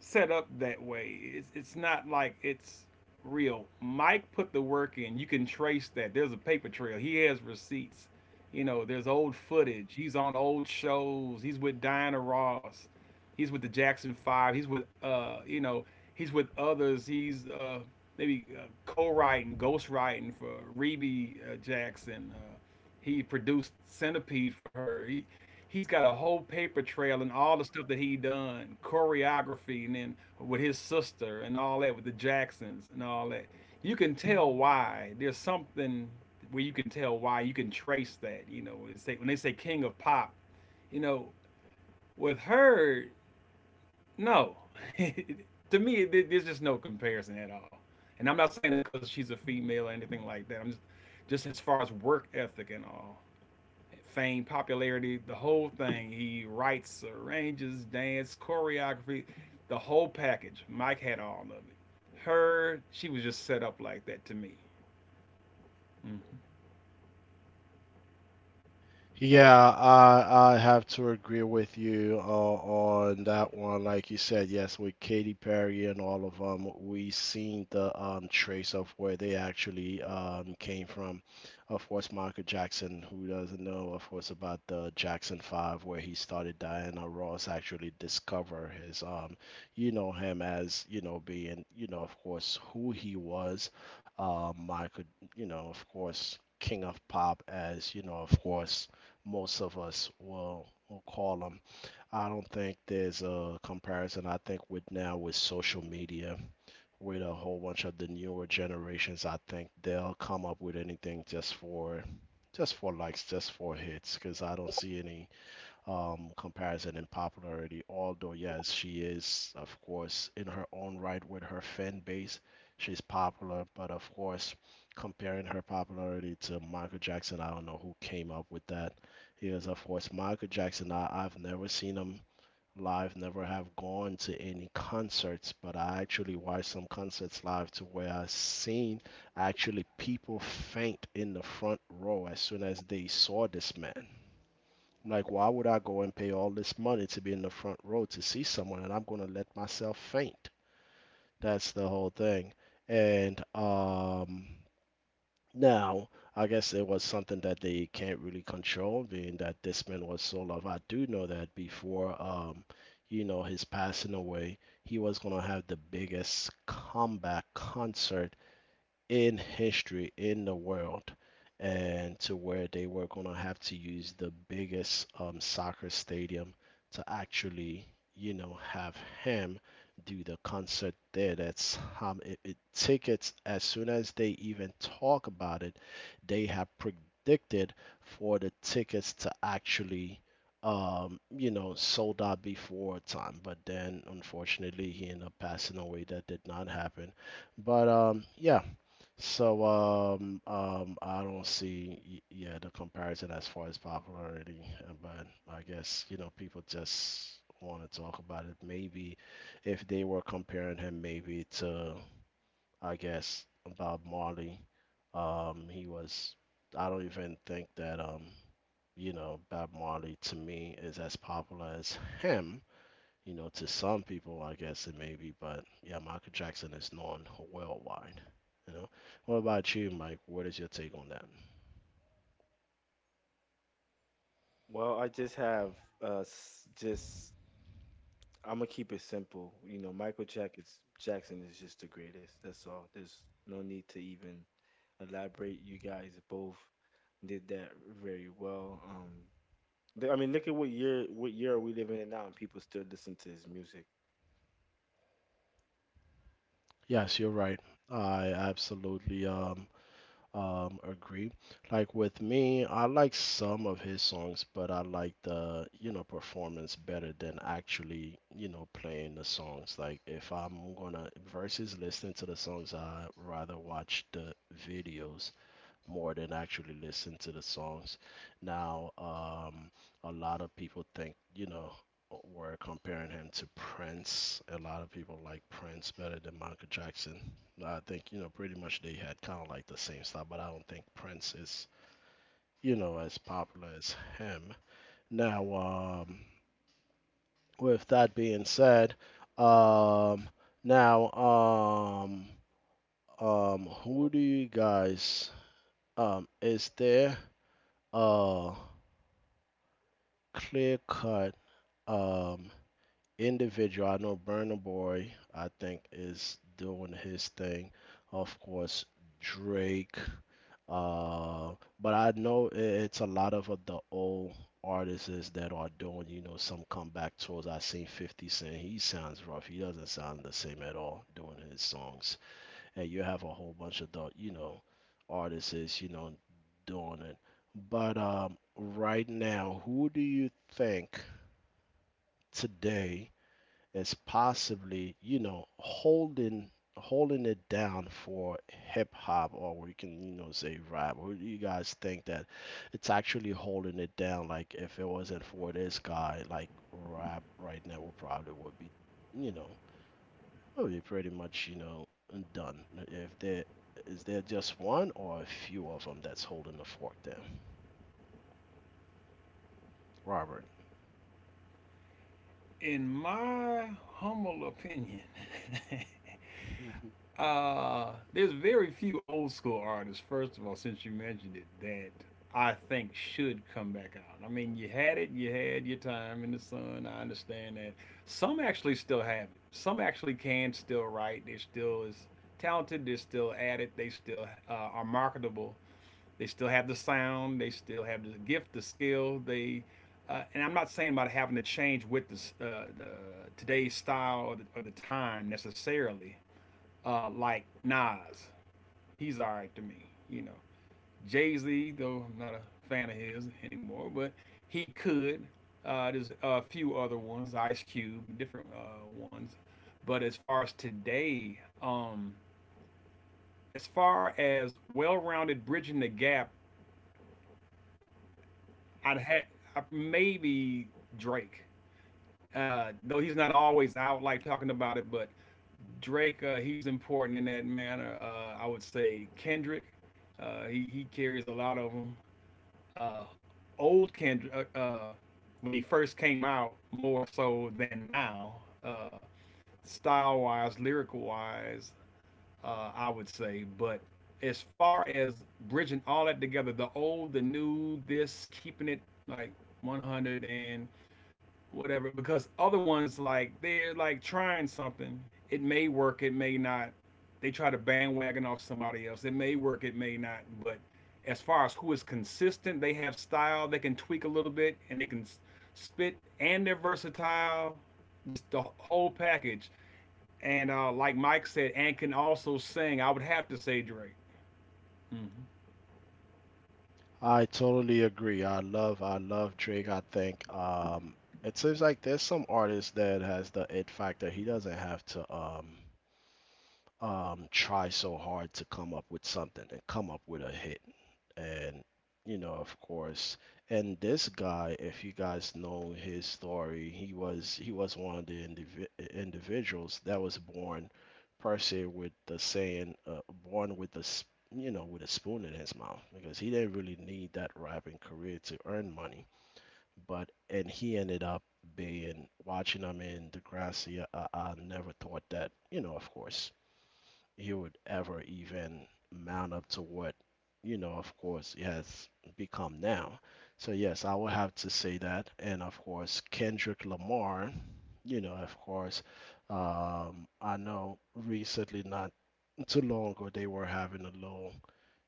set up that way. It's not like it's real. Mike put the work in. You can trace that. There's a paper trail. He has receipts. You know, there's old footage. He's on old shows. He's with Diana Ross. He's with the Jackson Five. He's with he's with others. He's maybe co-writing, ghost-writing for Rebe Jackson. He produced Centipede for her. He's got a whole paper trail and all the stuff that he done choreography and then with his sister and all that with the Jacksons and all that. You can tell why there's something where you can tell why. You can trace that. When they say king of pop, you know with her, no. To me, there's just no comparison at all. And I'm not saying it because she's a female or anything like that. I'm just as far as work ethic and all, fame, popularity, the whole thing. He writes, arranges, dance, choreography, the whole package. Mike had all of it. Her, she was just set up like that to me. Mm-hmm. Yeah, I have to agree with you on that one. Like you said, yes, with Katy Perry and all of them, we seen the trace of where they actually came from. Of course, Michael Jackson, who doesn't know, of course, about the Jackson 5, where he started. Diana Ross actually discover his him, as being, of course, who he was. Michael, of course, King of Pop, as of course, most of us will call them. I don't think there's a comparison. I think with now, with social media, with a whole bunch of the newer generations, I think they'll come up with anything just for likes, just for hits, because I don't see any comparison in popularity. Although, yes, she is, of course, in her own right with her fan base, she's popular. But of course, comparing her popularity to Michael Jackson, I don't know who came up with that. Because, of course, Michael Jackson, I've never seen him live, never have gone to any concerts, but I actually watched some concerts live, to where I seen actually people faint in the front row as soon as they saw this man. Like, why would I go and pay all this money to be in the front row to see someone, and I'm going to let myself faint? That's the whole thing. And now, I guess it was something that they can't really control, being that this man was so loved. I do know that before, his passing away, he was going to have the biggest comeback concert in history in the world, and to where they were going to have to use the biggest soccer stadium to actually, have him do the concert there. That's it, it tickets as soon as they even talk about it, they have predicted for the tickets to actually. Sold out before time, but then unfortunately he ended up passing away. That did not happen. But Yeah, so I don't see yeah, the comparison as far as popularity, but I guess, you know, people just want to talk about it. Maybe if they were comparing him maybe to, I guess, Bob Marley, he was, I don't even think that, Bob Marley to me is as popular as him, you know. To some people, I guess it may be, but yeah, Michael Jackson is known worldwide. You know, what about you, Mike? What is your take on that? Well, I just have s- just I'm gonna keep it simple. You know, Jackson is just the greatest. That's all. There's no need to even elaborate. You guys both did that very well. I mean, look at what year are we living in now, and people still listen to his music. Yes, you're right. I absolutely agree. Like with me, I like some of his songs, but I like the, you know, performance better than actually, you know, playing the songs. Like if I'm gonna versus listening to the songs, I rather watch the videos more than actually listen to the songs. Now, a lot of people think, you know, we're comparing him to Prince. A lot of people like Prince better than Michael Jackson. I think, you know, pretty much they had kind of like the same style, but I don't think Prince is, you know, as popular as him. Now, with that being said, um, now, um, who do you guys, is there, uh, clear cut um, individual. I know Burna Boy, I think, is doing his thing. Of course, Drake. Uh, but I know it's a lot of the old artists that are doing, you know, some comeback tours. I seen 50 Cent. He sounds rough. He doesn't sound the same at all doing his songs. And you have a whole bunch of the, you know, artists, you know, doing it. But Right now, who do you think today as possibly, you know, holding it down for hip hop, or we can, you know, say rap? Or do you guys think that it's actually holding it down? Like if it wasn't for this guy, like rap right now would probably would be, you know, would be pretty much, you know, done. If there, is there just one or a few of them that's holding the fork down, Robert? In my humble opinion, there's very few old school artists. First of all, since you mentioned it, that I think should come back out. I mean, you had it, you had your time in the sun. I understand that. Some actually still have it. Some actually can still write. They're still as talented. They're still at it. They still are marketable. They still have the sound. They still have the gift, the skill. And I'm not saying about having to change with the today's style, or the time necessarily, like Nas. He's all right to me, you know. Jay Z, though I'm not a fan of his anymore, but he could. There's a few other ones, Ice Cube, different ones. But as far as today, as far as well-rounded, bridging the gap, I'd had maybe Drake. Though he's not always out like talking about it, but Drake, he's important in that manner. I would say Kendrick, uh, he carries a lot of them. Uh, Old Kendrick, when he first came out, more so than now, uh, style wise, lyrical wise, I would say. But as far as bridging all that together, the old, the new, this, keeping it like 100 and whatever, because other ones, like, they're like trying something, it may work, it may not. They try to bandwagon off somebody else, it may work, it may not, but as far as who is consistent, they have style, they can tweak a little bit, and they can spit, and they're versatile, just the whole package. And like Mike said, and can also sing, I would have to say Drake. Mm-hmm. I totally agree. I love Drake. I think it seems like there's some artist that has the it factor. He doesn't have to try so hard to come up with something and come up with a hit, and, you know, of course. And this guy, if you guys know his story, he was, one of the individuals that was born, per se, with the saying, born with a you know, with a spoon in his mouth, because he didn't really need that rapping career to earn money, but. And he ended up being, watching him in Degrassi, I never thought that, you know, of course, he would ever even mount up to what, you know, of course, he has become now. So, yes, I would have to say that. And of course, Kendrick Lamar, you know, of course, I know recently, not too long ago, they were having a little,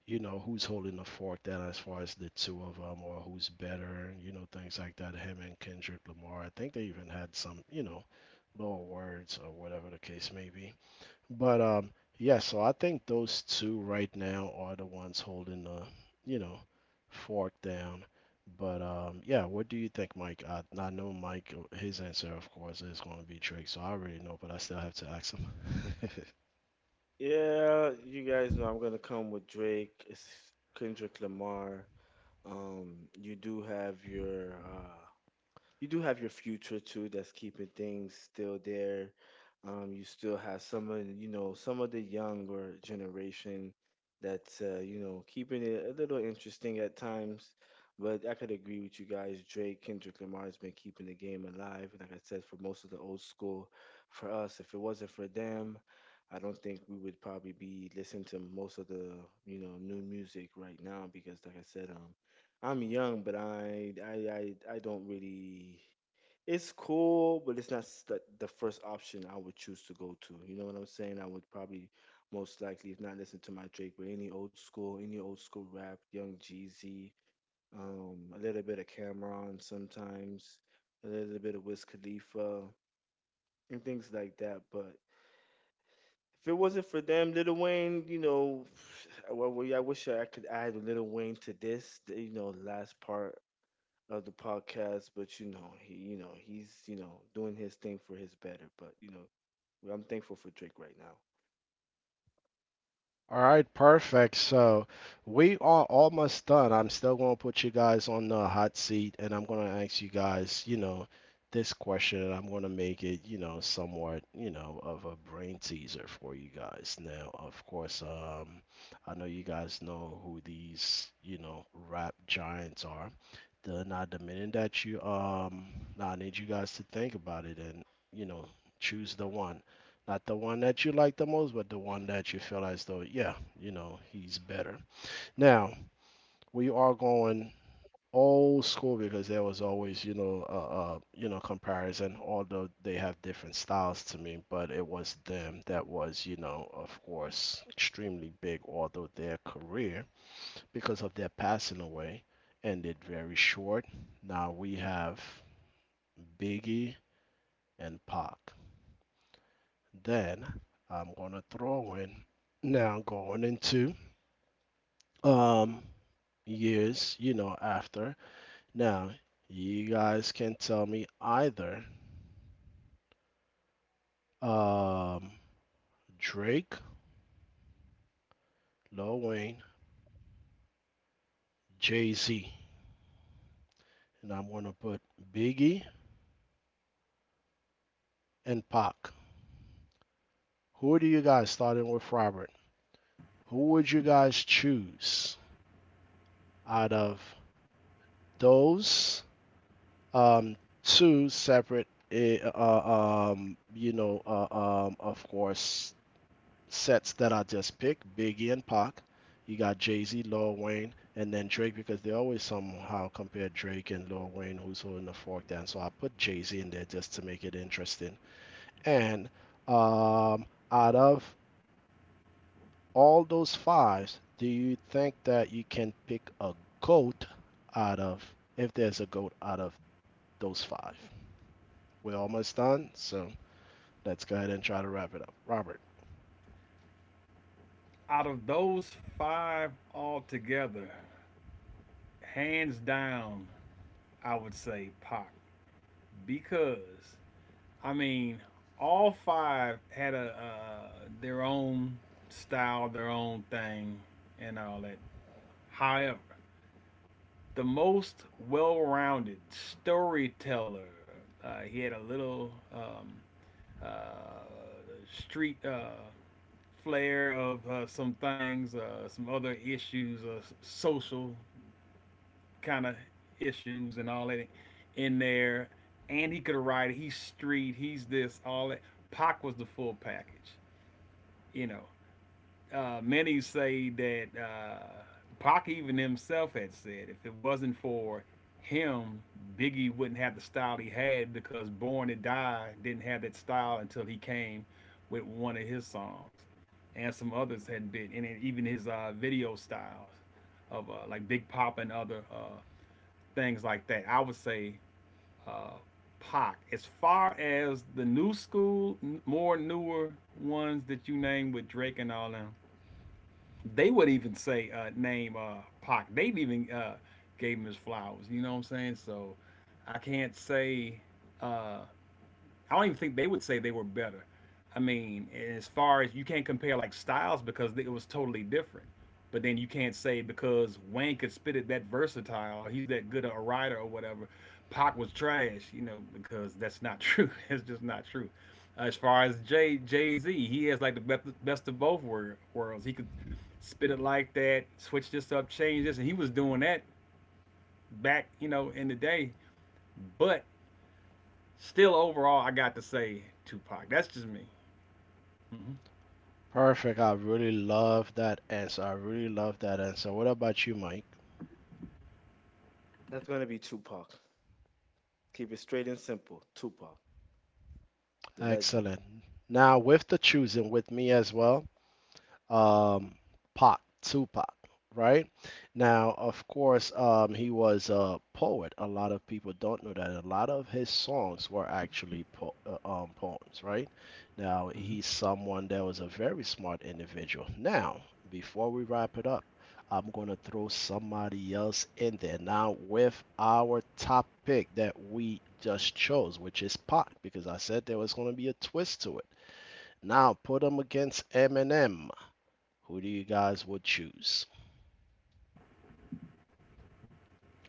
you know, who's holding the fork down as far as the two of them, or who's better, you know, things like that. Him and Kendrick Lamar. I think they even had some, you know, little words or whatever the case may be. But Yeah, so I think those two right now are the ones holding the, you know, fork down. But Yeah, what do you think, Mike? I know Mike, his answer, of course, is going to be Drake, so I already know, but I still have to ask him. Yeah, you guys know I'm gonna come with Drake, it's Kendrick Lamar. Um, you do have your uh, you do have your future too. That's keeping things still there. You still have some of, you know, some of the younger generation that's, you know, keeping it a little interesting at times. But I could agree with you guys. Drake, Kendrick Lamar has been keeping the game alive, and like I said, for most of the old school, for us, if it wasn't for them, I don't think we would probably be listening to most of the, you know, new music right now because, like I said, I'm young, but I don't really. It's cool, but it's not the first option I would choose to go to. You know what I'm saying? I would probably most likely, if not listen to my Drake, but any old school rap, Young Jeezy, a little bit of Cameron sometimes, a little bit of Wiz Khalifa and things like that. But if it wasn't for them, Little Wayne, you know, yeah, I wish I could add Little Wayne to this, you know, last part of the podcast, but you know, he you know, he's, you know, doing his thing for his better, but you know, well, I'm thankful for Drake right now. All right, perfect. So we are almost done. I'm still going to put you guys on the hot seat, and I'm going to ask you guys, you know, this question, and I'm going to make it, you know, somewhat, you know, of a brain teaser for you guys. Now, of course, I know you guys know who these, you know, rap giants are. Then I demanded that you now I need you guys to think about it and, you know, choose the one, not the one that you like the most, but the one that you feel as though, yeah, you know, he's better. Now we are going old school, because there was always, you know, uh, you know, comparison, although they have different styles to me, but it was them that was, you know, of course, extremely big, although their career, because of their passing away, ended very short. Now we have Biggie and Pac. Then I'm gonna throw in, now going into um years, you know, after. Now you guys can tell me either um Drake, Lil Wayne, Jay Z, and I'm gonna put Biggie and Pac. Who do you guys, starting with Robert? Who would you guys choose out of those um, two separate, you know, of course, sets that I just picked, Biggie and Pac. You got Jay Z, Lil Wayne, and then Drake, because they always somehow compare Drake and Lil Wayne, who's holding the fork down. So I put Jay Z in there just to make it interesting. And um, out of all those fives, do you think that you can pick a goat out of, if there's a goat out of those five? We're almost done, so let's go ahead and try to wrap it up. Robert. Out of those five altogether, hands down, I would say Pop, because I mean, all five had a their own style, their own thing, and all that. However, the most well-rounded storyteller, he had a little uh, street flair of some things, some other issues, social kind of issues and all that in there. And he could have ride. It. He's street. He's this. All that. Pac was the full package. You know. Many say that Pac even himself had said, if it wasn't for him, Biggie wouldn't have the style he had, because Born to Die didn't have that style until he came with one of his songs, and some others had been, and even his video styles of like Big Pop and other things like that. I would say uh, Pac. As far as the new school, more newer ones that you name with Drake and all them, they would even say name Pac. They've even gave him his flowers. You know what I'm saying? So I can't say uh, I don't even think they would say they were better. I mean, as far as, you can't compare like styles because it was totally different. But then you can't say because Wayne could spit it that versatile, he's that good a writer or whatever, Pac was trash, you know, because that's not true. It's just not true. As far as Jay Z, he has like the best, best of both worlds. He could spit it like that, switch this up, change this, and he was doing that back, you know, in the day. But still, overall, I got to say Tupac. That's just me. Mm-hmm. Perfect. I really love that answer. I really love that answer. What about you, Mike? That's going to be Tupac. Keep it straight and simple. Tupac, the legend. Excellent. Now, with the choosing with me as well, um, Pac, Tupac, right? Now, of course, he was a poet. A lot of people don't know that. A lot of his songs were actually poems, right? Now, Mm-hmm. he's someone that was a very smart individual. Now, before we wrap it up, I'm going to throw somebody else in there now with our topic that we just chose, which is Pac, because I said there was going to be a twist to it. Now, put him against Eminem. Who do you guys would choose?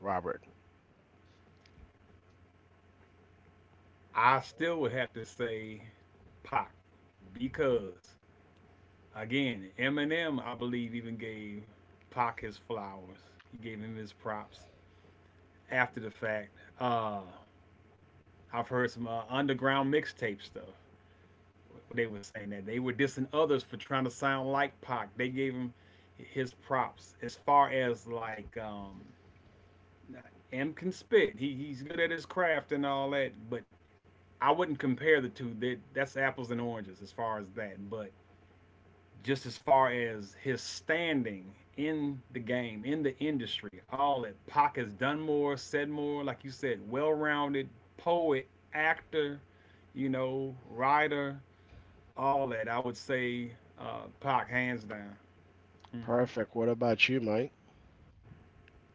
Robert. I still would have to say Pac because, again, Eminem, I believe, even gave Pac his flowers. He gave him his props after the fact. Uh, I've heard some underground mixtape stuff where they were saying that they were dissing others for trying to sound like Pac. They gave him his props as far as like nah, M can spit. He's good at his craft and all that, but I wouldn't compare the two. That's apples and oranges as far as that. But just as far as his standing in the game, in the industry, all that, Pac has done more, said more, like you said, well-rounded poet, actor, you know, writer, all that. I would say Pac hands down. Hmm. Perfect. What about you, Mike?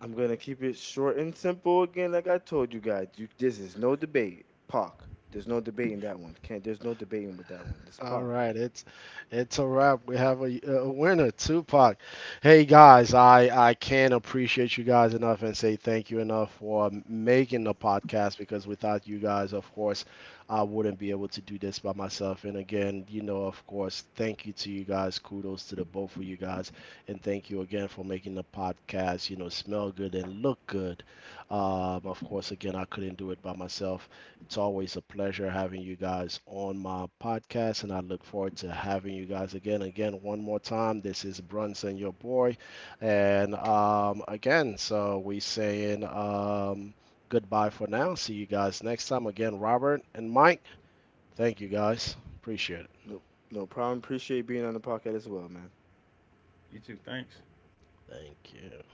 I'm going to keep it short and simple again like I told you guys. You, this is no debate. Pac. There's no debate in that one. Can't there's no debating with that one. It's All Pac. right, it's a wrap. We have a winner, Tupac. Hey guys, I can't appreciate you guys enough and say thank you enough for making the podcast, because without you guys, of course, I wouldn't be able to do this by myself. And again, you know, of course, thank you to you guys. Kudos to the both of you guys, and thank you again for making the podcast, you know, smell good and look good. Of course, again, I couldn't do it by myself. It's always a pleasure having you guys on my podcast, and I look forward to having you guys again. Again, one more time, this is Brunson, your boy. And again, so we saying goodbye for now. See you guys next time. Again, Robert and Mike, thank you guys. Appreciate it. No, no problem. Appreciate being on the podcast as well, man. You too. Thanks. Thank you.